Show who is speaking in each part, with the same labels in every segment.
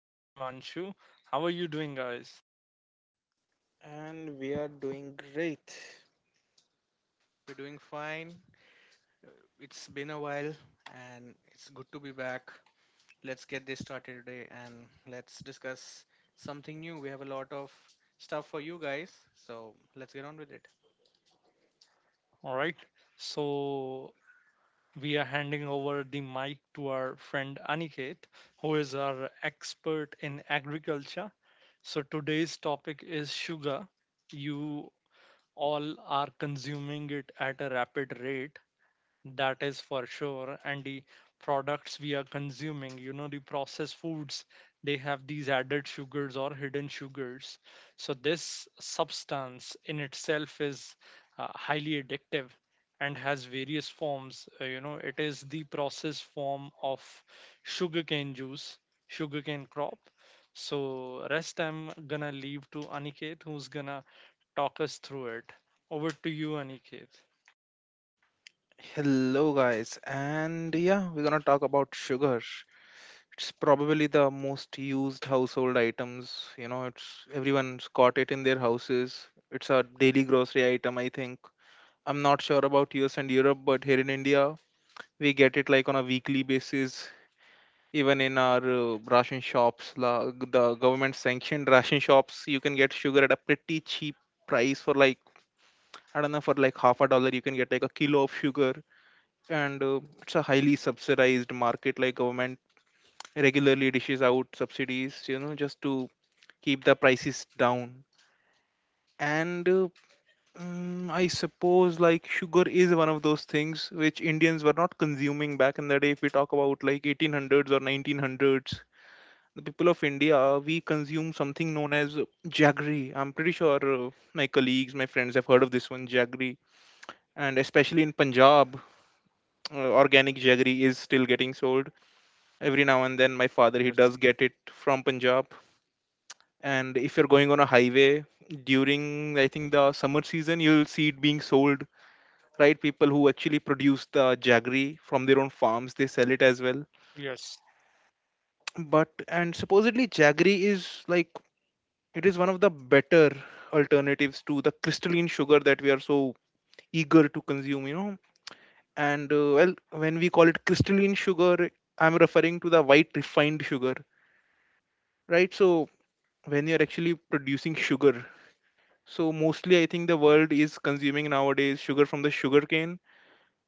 Speaker 1: and Himanshu. How are you doing, guys?
Speaker 2: And we are doing great.
Speaker 3: We're doing fine. Uh, It's been a while and it's good to be back. Let's get this started today and let's discuss something new. We have a lot of stuff for you guys,
Speaker 2: so
Speaker 3: so let's get on with it.
Speaker 1: All right. So, we are handing over the mic to our friend Aniket, who is our expert in agriculture. So, today's topic is sugar. You all are consuming it at a rapid rate, that is for sure, and the products we are consuming, you know, the processed foods, they have these added sugars or hidden sugars. So this substance in itself is highly addictive and has various forms. You know, it is the processed form of sugarcane juice, sugarcane crop. So rest I'm gonna leave to Aniket, who's gonna talk us through it. Over to you, Aniket.
Speaker 2: Hello, guys. And yeah, we're gonna talk about sugar. It's probably the most used household items. You know, it's everyone's got it in their houses. It's a daily grocery item, I think. I'm not sure about US and Europe, but here in India, we get it like on a weekly basis even in our ration shops la, the government sanctioned ration shops you can get sugar at a pretty cheap price for like I don't know, for like half a dollar you can get like a kilo of sugar. And it's a highly subsidized market, like government regularly dishes out subsidies, you know, just to keep the prices down. And I suppose like sugar is one of those things which Indians were not consuming back in the day. If we talk about like 1800s or 1900s, the people of India, we consume something known as jaggery. I'm pretty sure my colleagues, my friends have heard of this one, jaggery. And especially in Punjab, organic jaggery is still getting sold. Every now and then, my father, he
Speaker 1: Yes.
Speaker 2: does get it from Punjab. And if you're going on a highway during, I think, the summer season, you'll see it being sold. Right, people who actually produce the jaggery from their own farms, they sell it as well.
Speaker 1: Yes.
Speaker 2: But and supposedly jaggery is like, it is one of the better alternatives to the crystalline sugar that we are so eager to consume, you know. And well, when we call it crystalline sugar, I'm referring to the white refined sugar, right? So when you're actually producing sugar, so mostly I think the world is consuming nowadays sugar from the sugarcane,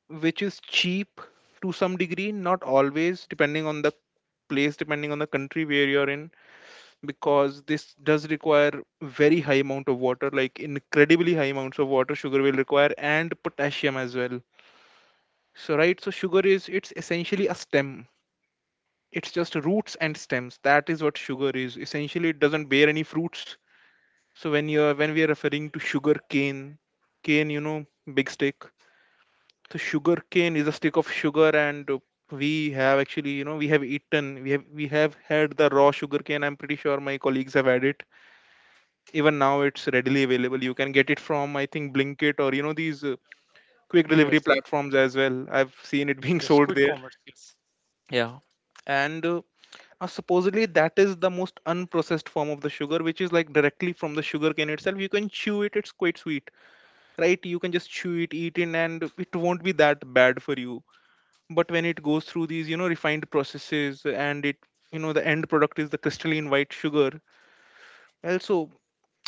Speaker 2: which is cheap to some degree, not always, depending on the place, depending on the country where you're in, because this does require very high amount of water, like incredibly high amounts of water sugar will require, and potassium as well. So right, so sugar is it's essentially a stem. It's just roots and stems, that is what sugar is essentially. It doesn't bear any fruits. So when you are when we are referring to sugar cane, cane, you know, big stick. So sugar cane is a stick of sugar. And we have actually, you know, we have eaten, we have had the raw sugar cane. I'm pretty sure my colleagues have had it. Even now it's readily available. You can get it from I think Blinkit, or you know these quick delivery
Speaker 1: Yes.
Speaker 2: platforms as well. I've seen it being
Speaker 1: Yes,
Speaker 2: sold
Speaker 1: quick
Speaker 2: there.
Speaker 1: commerce. Yes.
Speaker 2: Yeah. And now supposedly that is the most unprocessed form of the sugar, which is like directly from the sugar cane itself. You can chew it, it's quite sweet, right? You can just chew it, eat it, and it won't be that bad for you. But when it goes through these, you know, refined processes, and it, you know, the end product is the crystalline white sugar. Also,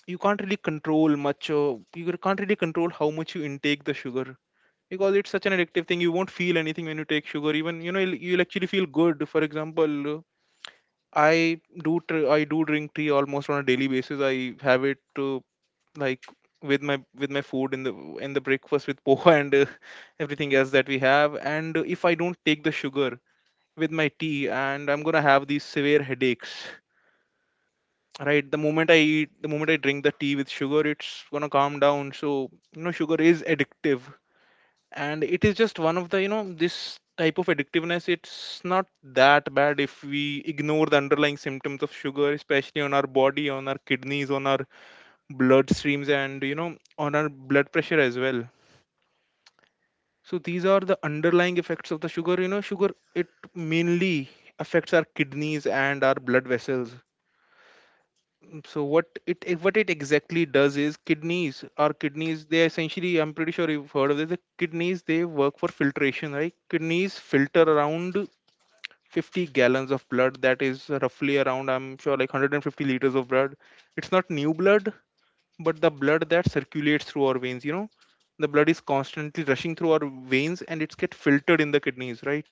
Speaker 2: you can't really control much. You can't really control how much you intake the sugar, because it's such an addictive thing. You won't feel anything when you take sugar. Even, you know, you'll actually feel good. For example, I do drink tea almost on a daily basis. I have it like with my food in the breakfast with poha and everything else that we have. And if I don't take the sugar with my tea, and I'm going to have these severe headaches, right? The moment I eat, the moment I drink the tea with sugar, it's gonna calm down. So, you know, sugar is addictive. And it is just one of the, you know, this type of addictiveness, it's not that bad if we ignore the underlying symptoms of sugar, especially on our body, on our kidneys, on our blood streams, and you know, on our blood pressure as well. So these are the underlying effects of the sugar. You know, sugar, it mainly affects our kidneys and our blood vessels. So what it exactly does is kidneys our kidneys, they essentially, I'm pretty sure you've heard of this, the kidneys, they work for filtration, right? Kidneys filter around 50 gallons of blood, that is roughly around, I'm sure, like 150 liters of blood. It's not new blood, but the blood that circulates through our veins, you know, the blood is constantly rushing through our veins and it's get filtered in the kidneys, right?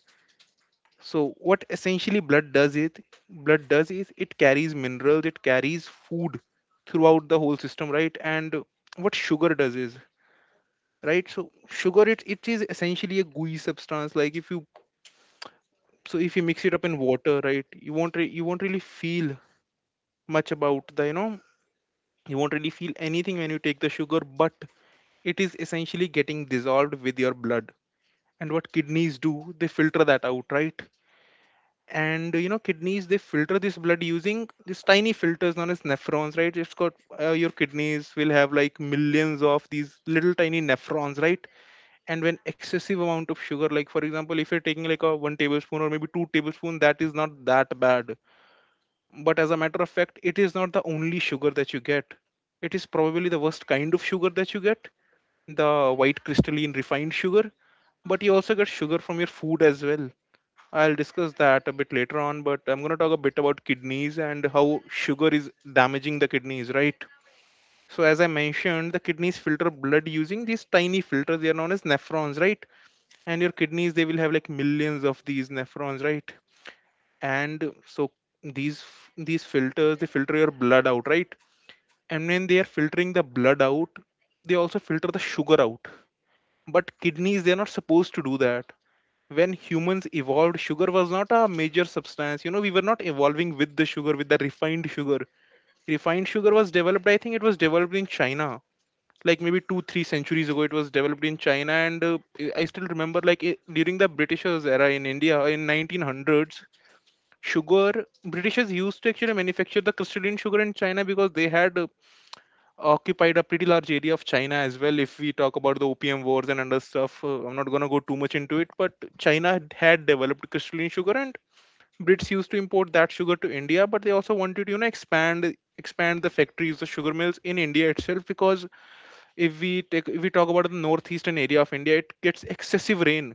Speaker 2: So what essentially blood does is it carries minerals, it carries food throughout the whole system, right? And what sugar does is, right, so sugar, it is essentially a gooey substance, like if you, so if you mix it up in water, right, you won't you won't really feel much about the, you know, you won't really feel anything when you take the sugar, but it is essentially getting dissolved with your blood. And what kidneys do, they filter that out, right? And you know, kidneys, they filter this blood using these tiny filters known as nephrons, right? It's got your kidneys will have like millions of these little tiny nephrons, right? And when excessive amount of sugar, like for example, if you're taking like a 1 tablespoon or maybe 2 tablespoon, that is not that bad. But as a matter of fact, it is not the only sugar that you get. It is probably the worst kind of sugar that you get, the white crystalline refined sugar. But you also get sugar from your food as well. I'll discuss that a bit later on, but I'm going to talk a bit about kidneys and how sugar is damaging the kidneys, right? So, as I mentioned, the kidneys filter blood using these tiny filters. They are known as nephrons, right? And your kidneys, they will have like millions of these nephrons, right? And so these these filters, they filter your blood out, right? And when they are filtering the blood out, they also filter the sugar out. But kidneys, they are not supposed to do that. When humans evolved, sugar was not a major substance. You know, we were not evolving with the sugar, with the refined sugar. Refined sugar was developed, I think it was developed in China, like maybe 2 3 centuries ago. It was developed in China. And I still remember like it, during the Britishers era in India in 1900s, sugar Britishers used to actually manufacture the crystalline sugar in China because they had occupied a pretty large area of China as well. If we talk about the opium wars and other stuff, I'm not going to go too much into it. But China had developed crystalline sugar, and Brits used to import that sugar to India. But they also wanted to, you know, expand the factories, the sugar mills in India itself, because if we talk about the northeastern area of India, it gets excessive rain,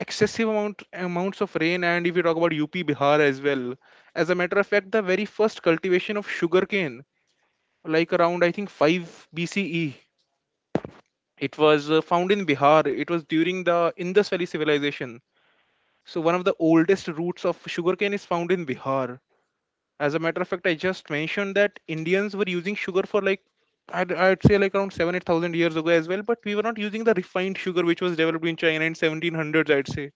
Speaker 2: excessive amounts of rain. And if you talk about UP, Bihar as well. As a matter of fact, the very first cultivation of sugarcane, like around I think 5 BCE, it was found in Bihar. It was during the Indus Valley Civilization. So, one of the oldest roots of sugarcane is found in Bihar. As a matter of fact, I just mentioned that Indians were using sugar for like, I'd say like around 7 8,000 years ago as well, but we were not using the refined sugar which was developed in China in 1700s, I'd say,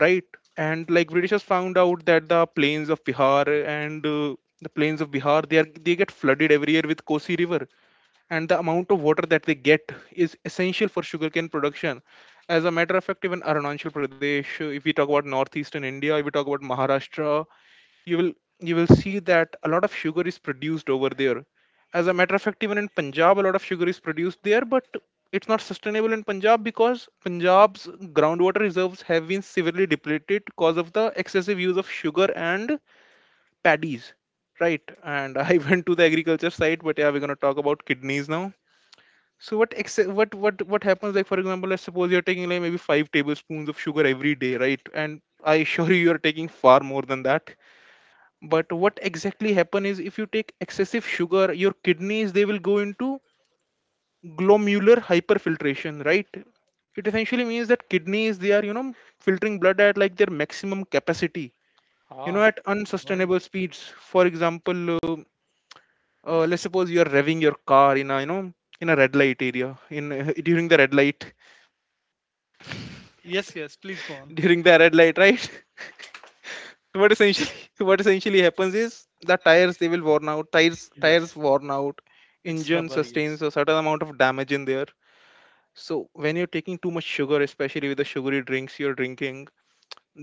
Speaker 2: right? And like Britishers found out that the plains of Bihar and the plains of Bihar, they are they get flooded every year with Kosi River, and the amount of water that they get is essential for sugarcane production. As a matter of fact, even Arunachal Pradesh, if we talk about northeastern India, if we talk about Maharashtra, you will you will see that a lot of sugar is produced over there. As a matter of fact, even in Punjab, a lot of sugar is produced there, but it's not sustainable in Punjab because Punjab's groundwater reserves have been severely depleted because of the excessive use of sugar and paddies. Right, and I went to the agriculture side, but yeah, we're gonna talk about kidneys now. So what ex- what happens, like for example, let's suppose you're taking like maybe 5 tablespoons of sugar every day, right? And I assure you, you're taking far more than that. But what exactly happen is if you take excessive sugar, your kidneys, they will go into glomerular hyperfiltration, right? It essentially means that kidneys, they are, you know, filtering blood at like their maximum capacity, you know,
Speaker 1: Ah,
Speaker 2: at
Speaker 1: all right.
Speaker 2: unsustainable speeds. For example, let's suppose you're revving your car in a red light area in during the red light
Speaker 1: Yes, yes, please go on.
Speaker 2: right. What essentially what essentially happens is, the tires they will worn out, tires
Speaker 1: Yes,
Speaker 2: worn out.
Speaker 1: it's
Speaker 2: Engine
Speaker 1: rubber. Yes.
Speaker 2: sustains a certain amount of damage in there. So when you're taking too much sugar, especially with the sugary drinks you're drinking,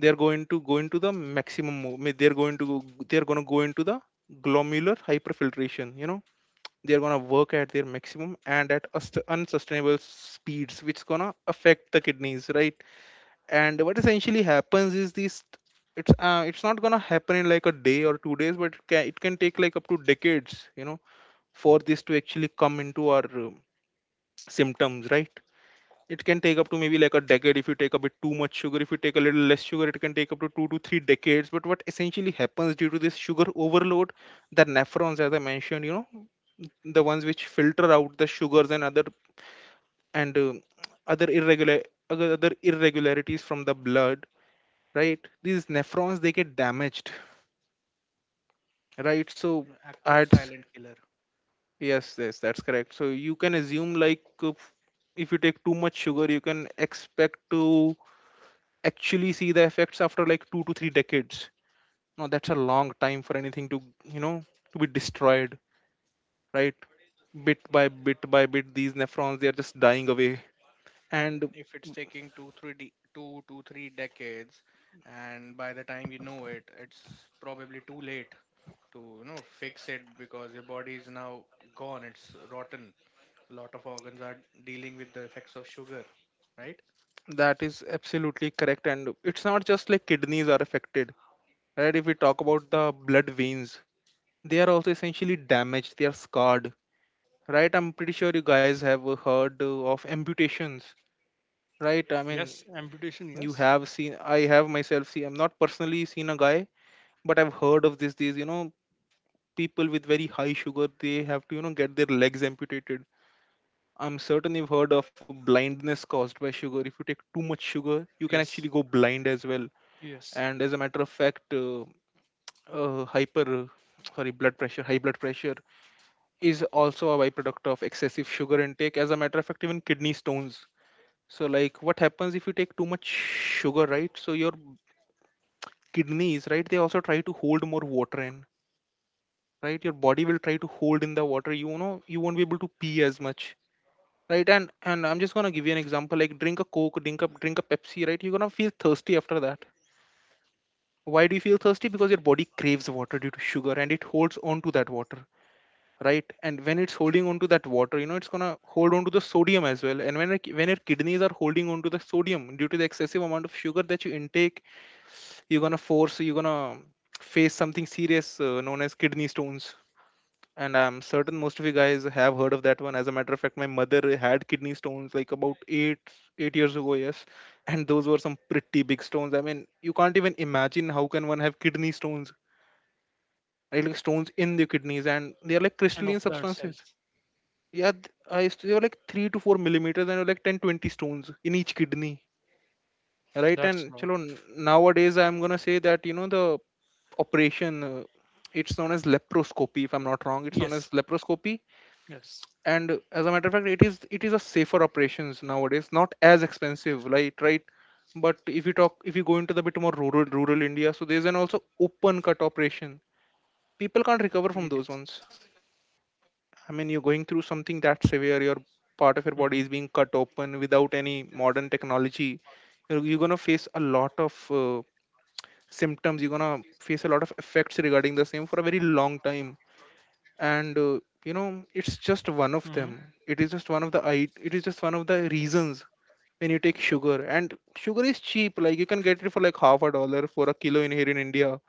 Speaker 2: they're going to go into the maximum mo- they're going to go into the glomerular hyperfiltration, they're going to work at their maximum and at unsustainable speeds, which is going to affect the kidneys, right? And what essentially happens is this, it's not gonna happen in like a day or 2 days, but it can take like up to decades, for this to actually come into our symptoms, right? It can take up to maybe like a decade if you take a bit too much sugar. If you take a little less sugar, it can take up to 2 to 3 decades. But what essentially happens due to this sugar overload, the nephrons, as I mentioned, the ones which filter out the sugars and other and um other irregular other other irregularities from the blood, right? These nephrons, they get damaged, right? So
Speaker 3: An actual
Speaker 2: adds,
Speaker 3: silent killer.
Speaker 2: yes, yes, that's correct. So you can assume like, if you take too much sugar, you can expect to actually see the effects after like 2 to 3 decades. Now that's a long time for anything to you know to be destroyed, right? Bit by bit by bit, these nephrons, they are just dying away.
Speaker 3: And
Speaker 2: And
Speaker 3: if it's taking two to three decades, and by the time you know it, it's probably too late to fix it because your body is now gone. It's rotten. A lot of organs are dealing with the effects of sugar, right?
Speaker 2: that is absolutely correct. And it's not just like kidneys are affected, right? If we talk about the blood veins, they are also essentially damaged, they are scarred, right? I'm pretty sure you guys have heard of amputations, right? I, yes, mean,
Speaker 1: Yes, amputation.
Speaker 2: you
Speaker 1: Yes.
Speaker 2: have seen, I have myself seen, I'm not personally seen a guy, but I've heard of this these, people with very high sugar, they have to, get their legs amputated. I'm certain you've heard of blindness caused by sugar. If you take too much sugar, you can actually
Speaker 1: Yes.
Speaker 2: go blind as well.
Speaker 1: Yes.
Speaker 2: And as a matter of fact, hyper, sorry, blood pressure high blood pressure is also a byproduct of excessive sugar intake. As a matter of fact, even kidney stones. So, like, what happens if you take too much sugar, right? So, your kidneys, right, they also try to hold more water in, right? Your body will try to hold in the water. You won't be able to pee as much, right? And I'm just gonna give you an example. Like, drink a Coke, drink a Pepsi, right? You're gonna feel thirsty after that. Why do you feel thirsty? Because your body craves water due to sugar, and it holds on to that water. Right. And when it's holding on to that water, it's going to hold on to the sodium as well. And when your kidneys are holding on to the sodium due to the excessive amount of sugar that you intake, you're going to force, you're going to face something serious, known as kidney stones. And I'm certain most of you guys have heard of that one. As a matter of fact, my mother had kidney stones like about 8 years ago, yes. And those were some pretty big stones. I mean, you can't even imagine how can one have kidney stones, right? Like, stones in the kidneys, and they are like
Speaker 1: And
Speaker 2: crystalline
Speaker 1: of that
Speaker 2: substances.
Speaker 1: size.
Speaker 2: Yeah, I used to, they were like 3 to 4 millimeters, and they were like 10, 20 stones in each kidney, right? And
Speaker 1: That's not.
Speaker 2: nowadays I'm gonna say that, the operation, it's known as leproscopy, if I'm not wrong, it's known
Speaker 1: Yes.
Speaker 2: as leproscopy.
Speaker 1: Yes.
Speaker 2: And as a matter of fact, it is a safer operations nowadays, not as expensive, right? Right. But if you talk, if you go into the bit more rural, India, so there's an also open cut operation, people
Speaker 1: Yes.
Speaker 2: can't recover from those ones.
Speaker 1: Mm-hmm.
Speaker 2: I mean, you're going through something that severe. Your, part of your body is being cut open without any modern technology. You're gonna face a lot of symptoms. You're gonna face a lot of effects regarding the same for a very long time.
Speaker 1: Mm-hmm.
Speaker 2: And it's just one of them. It is just one of the I- it is just one of the reasons when you take sugar. And sugar is cheap. Like, you can get it for like half a dollar for a kilo in here in India.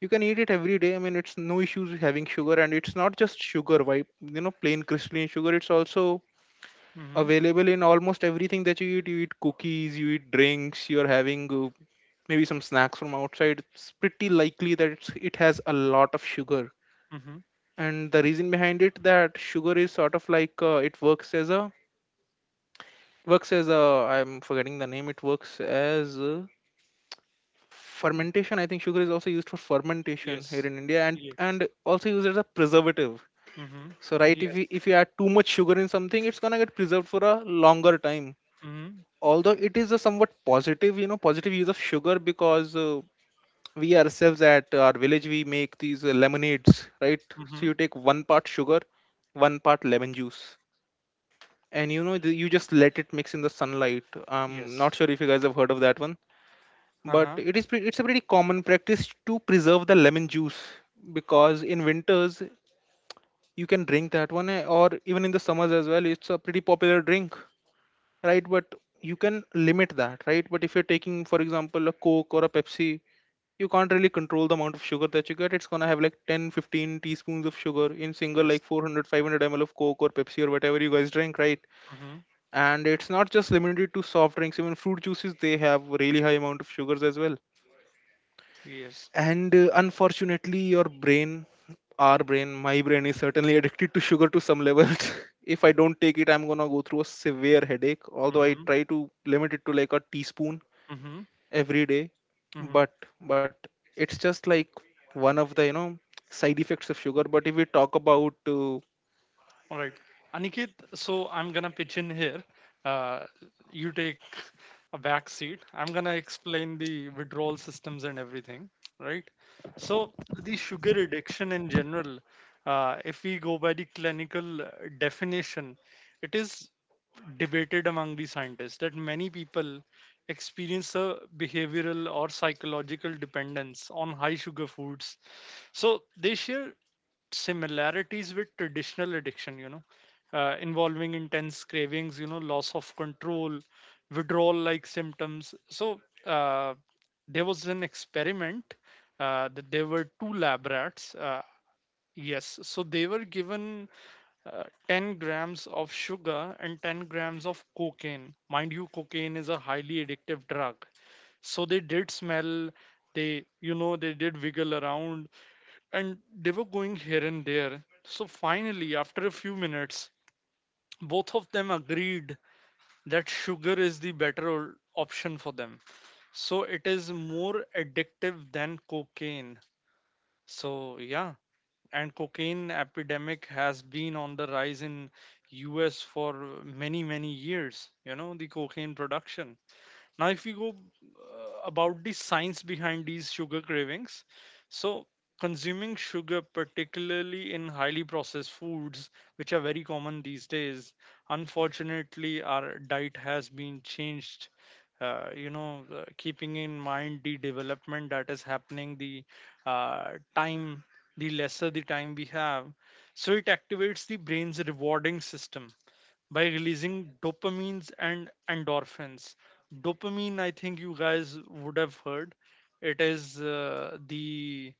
Speaker 2: You can eat it every day. I mean, it's no issues having sugar, and it's not just sugar. Why, plain crystalline sugar. It's also
Speaker 1: Mm-hmm.
Speaker 2: available in almost everything that you eat. You eat cookies, you eat drinks, you're having maybe some snacks from outside. It's pretty likely that it has a lot of sugar.
Speaker 1: Mm-hmm.
Speaker 2: And the reason behind it that sugar is sort of like, it works as a I'm forgetting the name. It works as a fermentation. I think sugar is also used for fermentation
Speaker 1: Yes.
Speaker 2: here in India, and
Speaker 1: Yes.
Speaker 2: and also used as a preservative.
Speaker 1: Mm-hmm.
Speaker 2: So right, if
Speaker 1: Yes.
Speaker 2: you if you add too much sugar in something, it's gonna get preserved for a longer time,
Speaker 1: Mm-hmm.
Speaker 2: although it is a somewhat positive, positive use of sugar, because, we ourselves at our village we make these lemonades, right?
Speaker 1: Mm-hmm.
Speaker 2: So you take one part sugar, one part lemon juice, and you just let it mix in the sunlight. I'm
Speaker 1: Yes.
Speaker 2: not sure if you guys have heard of that one, but
Speaker 1: Uh-huh.
Speaker 2: it's a pretty common practice to preserve the lemon juice, because in winters you can drink that one, or even in the summers as well, it's a pretty popular drink, right? But you can limit that, right? But if you're taking, for example, a Coke or a Pepsi, you can't really control the amount of sugar that you get. It's going to have like 10, 15 teaspoons of sugar in single,
Speaker 1: Yes.
Speaker 2: like 400, 500 ml of Coke or Pepsi or whatever you guys drink, right?
Speaker 1: Mm-hmm.
Speaker 2: And it's not just limited to soft drinks, even fruit juices, they have really high amount of sugars as well.
Speaker 1: Yes.
Speaker 2: And unfortunately, your brain, our brain my brain is certainly addicted to sugar to some level. If I don't take it, I'm going to go through a severe headache, although I
Speaker 1: Mm-hmm.
Speaker 2: try to limit it to like a teaspoon
Speaker 1: Mm-hmm.
Speaker 2: every day.
Speaker 1: Mm-hmm.
Speaker 2: But but it's just like one of the, side effects of sugar. But if we talk about,
Speaker 1: All right. Aniket, so I'm going to pitch in here. Uh, you take a back seat. I'm going to explain the withdrawal systems and everything, right? So, the sugar addiction in general, if we go by the clinical definition, it is debated among the scientists that many people experience a behavioral or psychological dependence on high sugar foods, so they share similarities with traditional addiction, you know, involving intense cravings, you know, loss of control, withdrawal like symptoms. So uh, there was an experiment, that there were two lab rats, yes, so they were given 10 grams of sugar and 10 grams of cocaine. Mind you, cocaine is a highly addictive drug. So they did smell, they, you know, they did wiggle around, and they were going here and there. So finally, after a few minutes, both of them agreed that sugar is the better option for them. So it is more addictive than cocaine. So yeah, and cocaine epidemic has been on the rise in US for many many years, you know, the cocaine production. Now, if we go about the science behind these sugar cravings, so consuming sugar, particularly in highly processed foods, which are very common these days, unfortunately, our diet has been changed. You know, keeping in mind the development that is happening, the time, the lesser the time we have, so it activates the brain's rewarding system by releasing dopamines and endorphins. Dopamine, I think you guys would have heard, it is the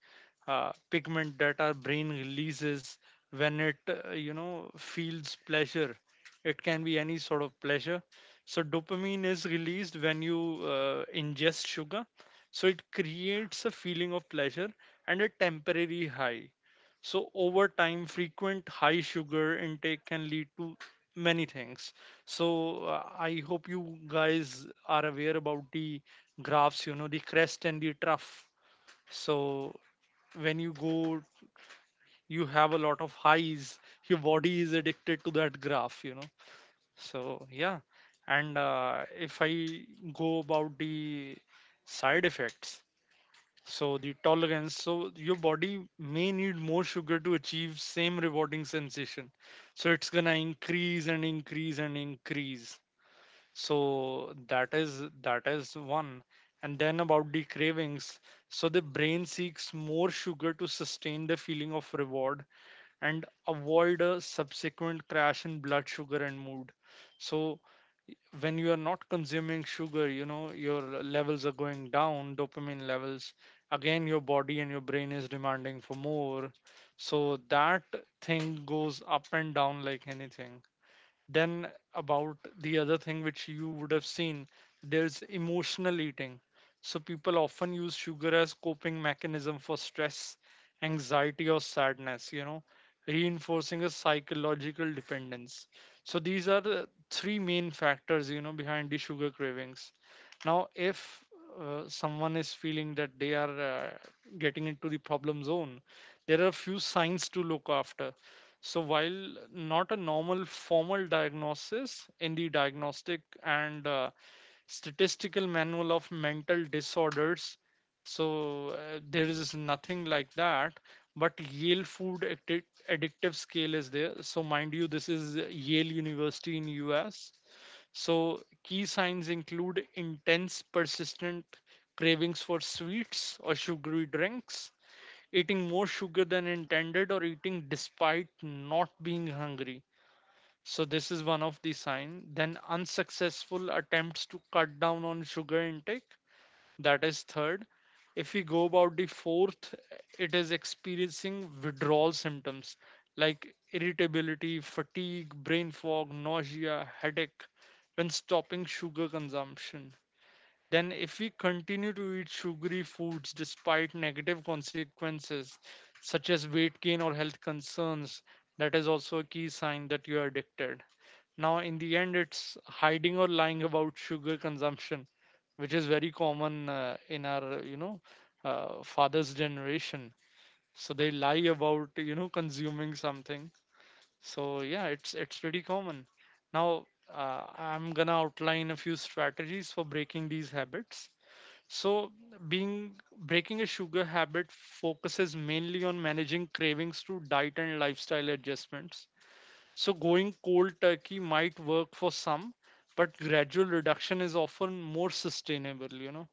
Speaker 1: pigment that our brain releases when it, you know, feels pleasure. It can be any sort of pleasure. So, dopamine is released when you ingest sugar. So, it creates a feeling of pleasure and a temporary high. So, over time, frequent high sugar intake can lead to many things. So I hope you guys are aware about the graphs, you know, the crest and the trough. So when you go, you have a lot of highs, your body is addicted to that graph, you know. So yeah, and if I go about the side effects, so the tolerance, so your body may need more sugar to achieve same rewarding sensation, so it's gonna increase and increase and increase. So that is one. And then about the cravings, so the brain seeks more sugar to sustain the feeling of reward and avoid a subsequent crash in blood sugar and mood. So when you are not consuming sugar, you know, your levels are going down, dopamine levels, again your body and your brain is demanding for more, so that thing goes up and down like anything. Then about the other thing which you would have seen, there's emotional eating. So people often use sugar as coping mechanism for stress, anxiety, or sadness, you know, reinforcing a psychological dependence. So these are the three main factors, you know, behind the sugar cravings. Now, if someone is feeling that they are getting into the problem zone, there are a few signs to look after. So, while not a normal formal diagnosis in the Diagnostic and Statistical Manual of Mental Disorders, so there is nothing like that. But Yale Addictive Scale is there. So, mind you, this is Yale University in US. So, key signs include intense, persistent cravings for sweets or sugary drinks, eating more sugar than intended or eating despite not being hungry. So this is one of the signs. Then unsuccessful attempts to cut down on sugar intake, that is third. If we go about the fourth, it is experiencing withdrawal symptoms like irritability, fatigue, brain fog, nausea, headache when stopping sugar consumption. Then, if we continue to eat sugary foods despite negative consequences such as weight gain or health concerns, that is also a key sign that you are addicted. Now, in the end, it's hiding or lying about sugar consumption, which is very common in our, you know, father's generation. So they lie about, you know, consuming something. So yeah, it's pretty common. Now, I'm gonna outline a few strategies for breaking these habits. So, being breaking a sugar habit focuses mainly on managing cravings through diet and lifestyle adjustments. So, going cold turkey might work for some, but gradual reduction is often more sustainable, you know.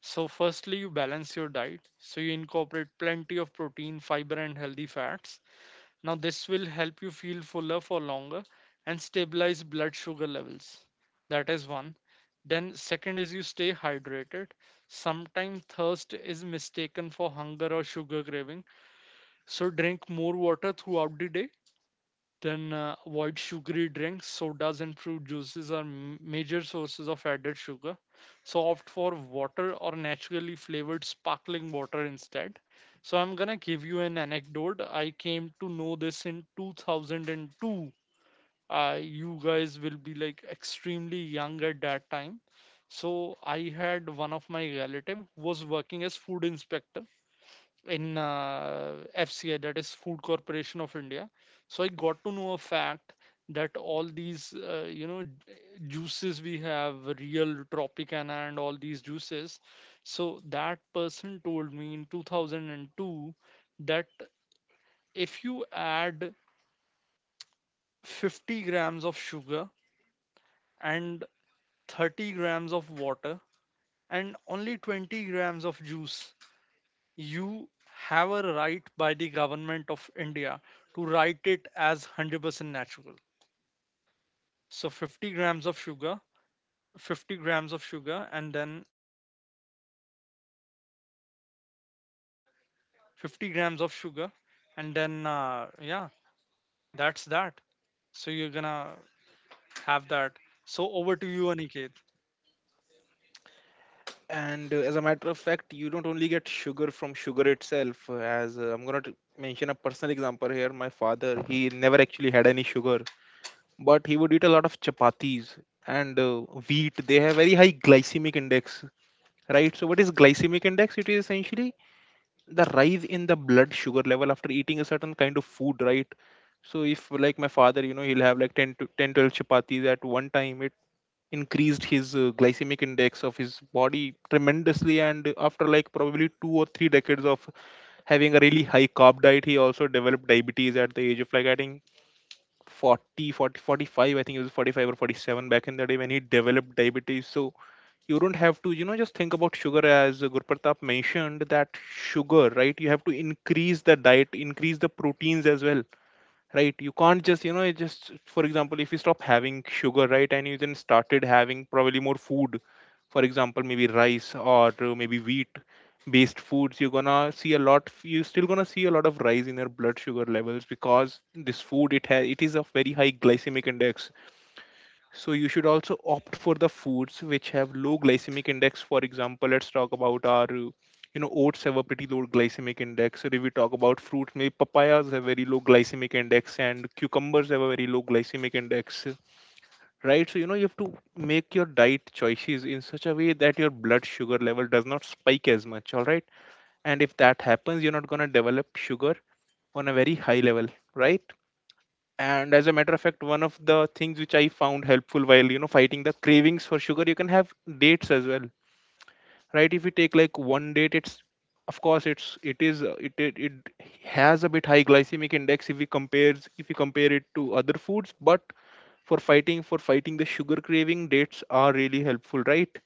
Speaker 1: So, firstly, you balance your diet. So, you incorporate plenty of protein, fiber, and healthy fats. Now, this will help you feel fuller for longer and stabilize blood sugar levels. That is one. Then, second is you stay hydrated. Sometimes thirst is mistaken for hunger or sugar craving, so drink more water throughout the day. Then avoid sugary drinks. Sodas and fruit juices are major sources of added sugar. So opt for water or naturally flavored sparkling water instead. So I'm gonna give you an anecdote. I came to know this in 2002. You guys will be like extremely young at that time. So I had one of my relative who was working as food inspector in FCI, that is Food Corporation of India. So I got to know a fact that all these, you know, juices we have, real Tropicana and all these juices. So that person told me in 2002 that if you add 50 grams of sugar and 30 grams of water and only 20 grams of juice, you have a right by the government of India to write it as 100% natural. So 50 grams of sugar, 50 grams of sugar, and then like 50 grams of sugar, and then yeah, that's that. So you're gonna have that. So over to you, Aniket.
Speaker 2: and as a matter of fact, you don't only get sugar from sugar itself, as, I'm going to mention a personal example here. My father, he never actually had any sugar, but he would eat a lot of chapatis, and wheat, they have very high glycemic index, right? So what is glycemic index? It is essentially the rise in the blood sugar level after eating a certain kind of food, right? So if like my father, he'll have like 10 to 10 12 chapatis at one time, it increased his glycemic index of his body tremendously. And after like probably 2 or 3 decades of having a really high carb diet, he also developed diabetes at the age of like, I think, 45. I think it was 45 or 47 back in the day when he developed diabetes. So you don't have to, just think about sugar as, Gurpratap mentioned that sugar, right? You have to increase the diet, increase the proteins as well, right? You can't just, you know, it just for example, if you stop having sugar, right, and you then started having probably more food, for example maybe rice or maybe wheat based foods, you're gonna see a lot you're still gonna see a lot of rise in your blood sugar levels because this food it has it is of very high glycemic index. So you should also opt for the foods which have low glycemic index. For example, let's talk about our you know oats have a pretty low glycemic index. Or if we talk about fruit, maybe papayas have very low glycemic index, and cucumbers have a very low glycemic index, right? So, you know, you have to make your diet choices in such a way that your blood sugar level does not spike as much. All right, and if that happens, you're not going to develop sugar on a very high level, right? And as a matter of fact, one of the things which I found helpful while, you know, fighting the cravings for sugar: you can have dates as well. Right, if you take like one date, it's of course, it's it is it it, it has a bit high glycemic index if we compare it to other foods. But for fighting the sugar craving, dates are really helpful, right?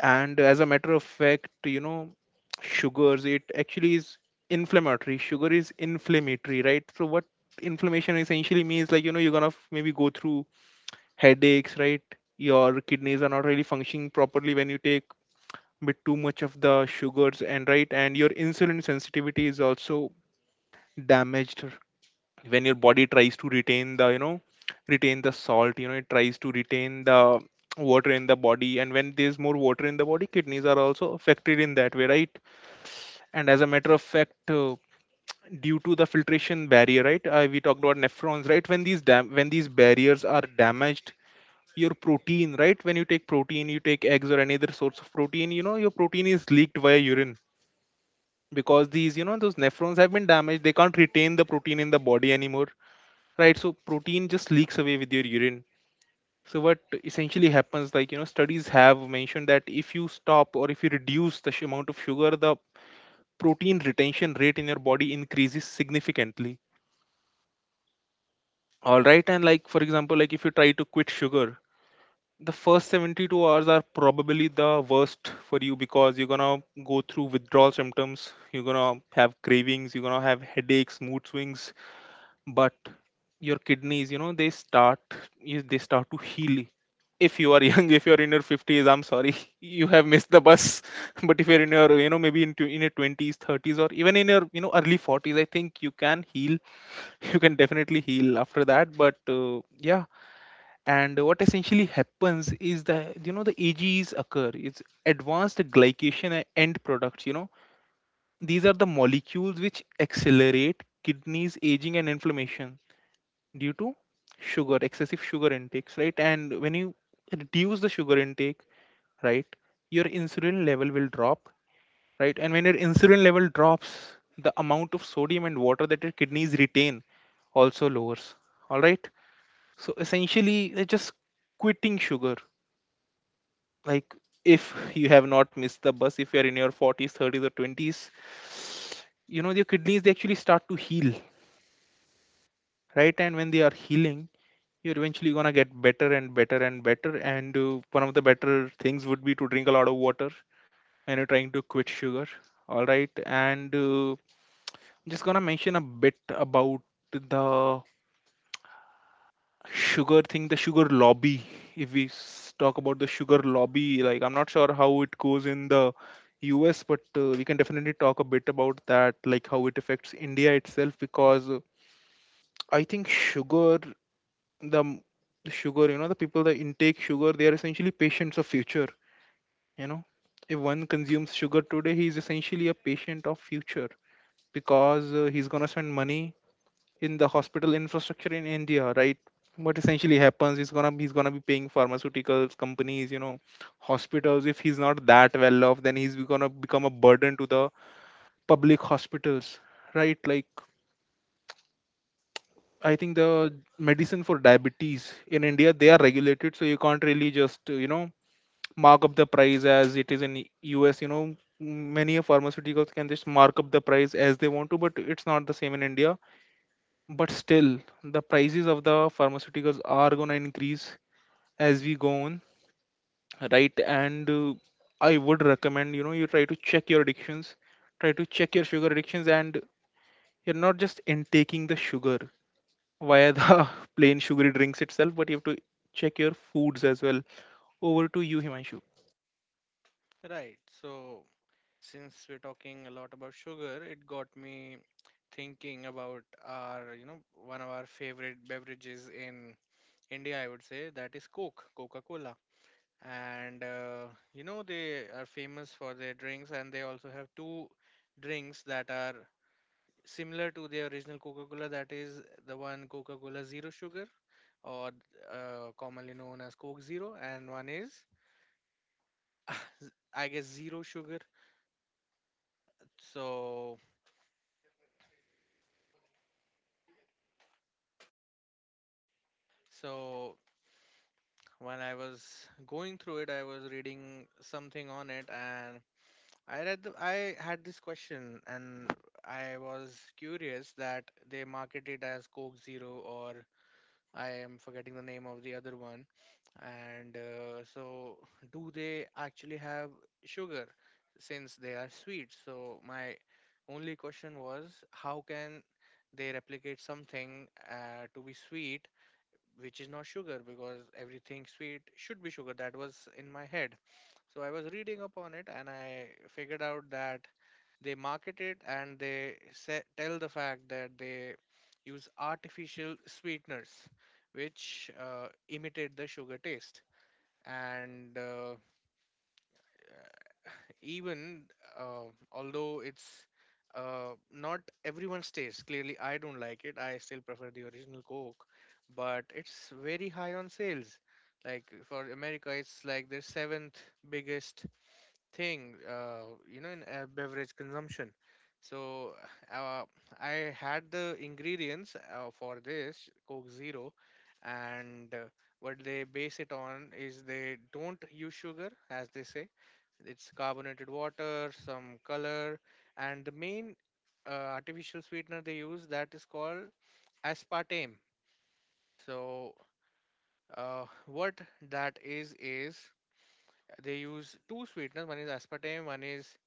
Speaker 2: And as a matter of fact, you know, sugars, it actually is inflammatory. Sugar is inflammatory, right? So what inflammation essentially means, like, you know, you're gonna maybe go through headaches, right? Your kidneys are not really functioning properly when you take bit too much of the sugars, and right, and your insulin sensitivity is also damaged. When your body tries to retain the, you know, retain the salt, you know, it tries to retain the water in the body, and when there's more water in the body, kidneys are also affected in that way, right? And as a matter of fact, due to the filtration barrier, right, we talked about nephrons, right? When these when these barriers are damaged, your protein, right, when you take protein, you take eggs or any other source of protein, you know, your protein is leaked via urine, because these, you know, those nephrons have been damaged, they can't retain the protein in the body anymore. Right, so protein just leaks away with your urine. So what essentially happens, like, you know, studies have mentioned that if you stop or if you reduce the amount of sugar, the protein retention rate in your body increases significantly. All right, and like, for example, like if you try to quit sugar, the first 72 hours are probably the worst for you, because you're gonna go through withdrawal symptoms, you're gonna have cravings, you're gonna have headaches, mood swings. But your kidneys, you know, they start, they start to heal. If you are young, if you are in your 50s, I'm sorry, you have missed the bus. But if you're in your, you know, in your 20s, 30s, or even in your, you know, early 40s, I think you can heal. You can definitely heal after that, but yeah. And what essentially happens is that, you know, the ages occur, it's advanced glycation end products, you know, these are the molecules which accelerate kidneys aging and inflammation due to sugar excessive sugar intakes, right? And when you reduce the sugar intake, right, your insulin level will drop. Right, and when your insulin level drops, the amount of sodium and water that your kidneys retain also lowers. All right, so essentially, just quitting sugar, like, if you have not missed the bus, if you are in your 40s, 30s, or 20s, you know, your kidneys, they actually start to heal. Right, and when they are healing, you're eventually gonna get better and better and better. And one of the better things would be to drink a lot of water and you're trying to quit sugar. All right, and I'm just gonna mention a bit about the sugar thing, the sugar lobby. If we talk about the sugar lobby, like, I'm not sure how it goes in the US, but we can definitely talk a bit about that, like how it affects India itself. Because I think the m- the sugar, you know, the people that intake sugar, they are essentially patients of future, you know. If one consumes sugar today, he is essentially a patient of future. Because he's going to spend money in the hospital infrastructure in India, right? What essentially happens is gonna he's gonna be paying pharmaceuticals companies, you know, hospitals, if he's not that well off, then he's gonna become a burden to the public hospitals. Right, like, I think the medicine for diabetes in India, they are regulated, so you can't really just, you know, mark up the price as it is in US. You know, many of pharmaceuticals can just mark up the price as they want to, but it's not the same in India. But still, the prices of the pharmaceuticals are gonna increase as we go on, right? And I would recommend, you know, you try to check your addictions, try to check your sugar addictions, and you're not just intaking the sugar via the plain sugary drinks itself, but you have to check your foods as well. Over to you, Himanshu.
Speaker 3: Right. So, since we're talking a lot about sugar, it got me thinking about, our, one of our favorite beverages in India, I would say, that is Coke, Coca-Cola. And, you know, they are famous for their drinks, and they also have two drinks that are similar to the original Coca-Cola, that is the one Coca-Cola Zero Sugar, or commonly known as Coke Zero, and one is, I guess, Zero Sugar. So, So, when I was going through it, I was reading something on it, and I had this question, and I was curious that they market it as Coke Zero, or I am forgetting the name of the other one. And do they actually have sugar since they are sweet? So my only question was, how can they replicate something to be sweet, which is not sugar? Because everything sweet should be sugar. That was in my head. So I was reading upon it and I figured out that they market it and they say, tell the fact that they use artificial sweeteners which imitate the sugar taste. And even uh, although it's not everyone's taste. Clearly, I don't like it. I still prefer the original Coke, but it's very high on sales. Like for America, it's like their seventh biggest thing, you know, in beverage consumption. So uh, I had the ingredients for this Coke Zero. And what they base it on is they don't use sugar, as they say. It's carbonated water, some color, and the main uh, artificial sweetener they use, that is called aspartame. So what that is they use two sweeteners. One is aspartame, one is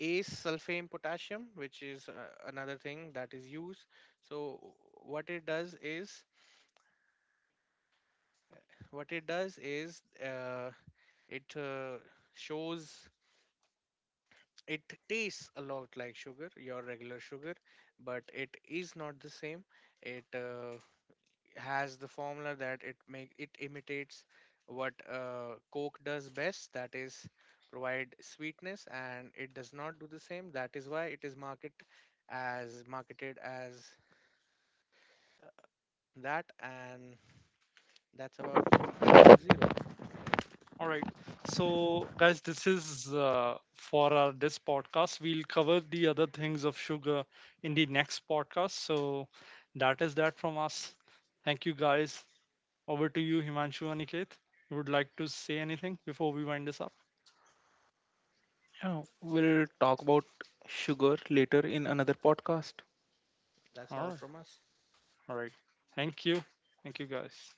Speaker 3: Ace sulfame potassium, which is another thing that is used. So what it does is, what it does is, it shows it tastes a lot like sugar, your regular sugar, but it is not the same. It has the formula that it imitates what Coke does best, that is provide sweetness, and it does not do the same. That is why it is marketed as that. And that's about Coke Zero for today.
Speaker 1: All right. So guys, this is for our this podcast. We'll cover the other things of sugar in the next podcast. So that is that from us. Thank you guys. Over to you, Himanshu, Aniket. You would like to say anything before we wind this up?
Speaker 2: Yeah, we'll talk about sugar later in another podcast.
Speaker 3: That's
Speaker 1: All right.
Speaker 3: all from us.
Speaker 1: All right. Thank you. Thank you, guys.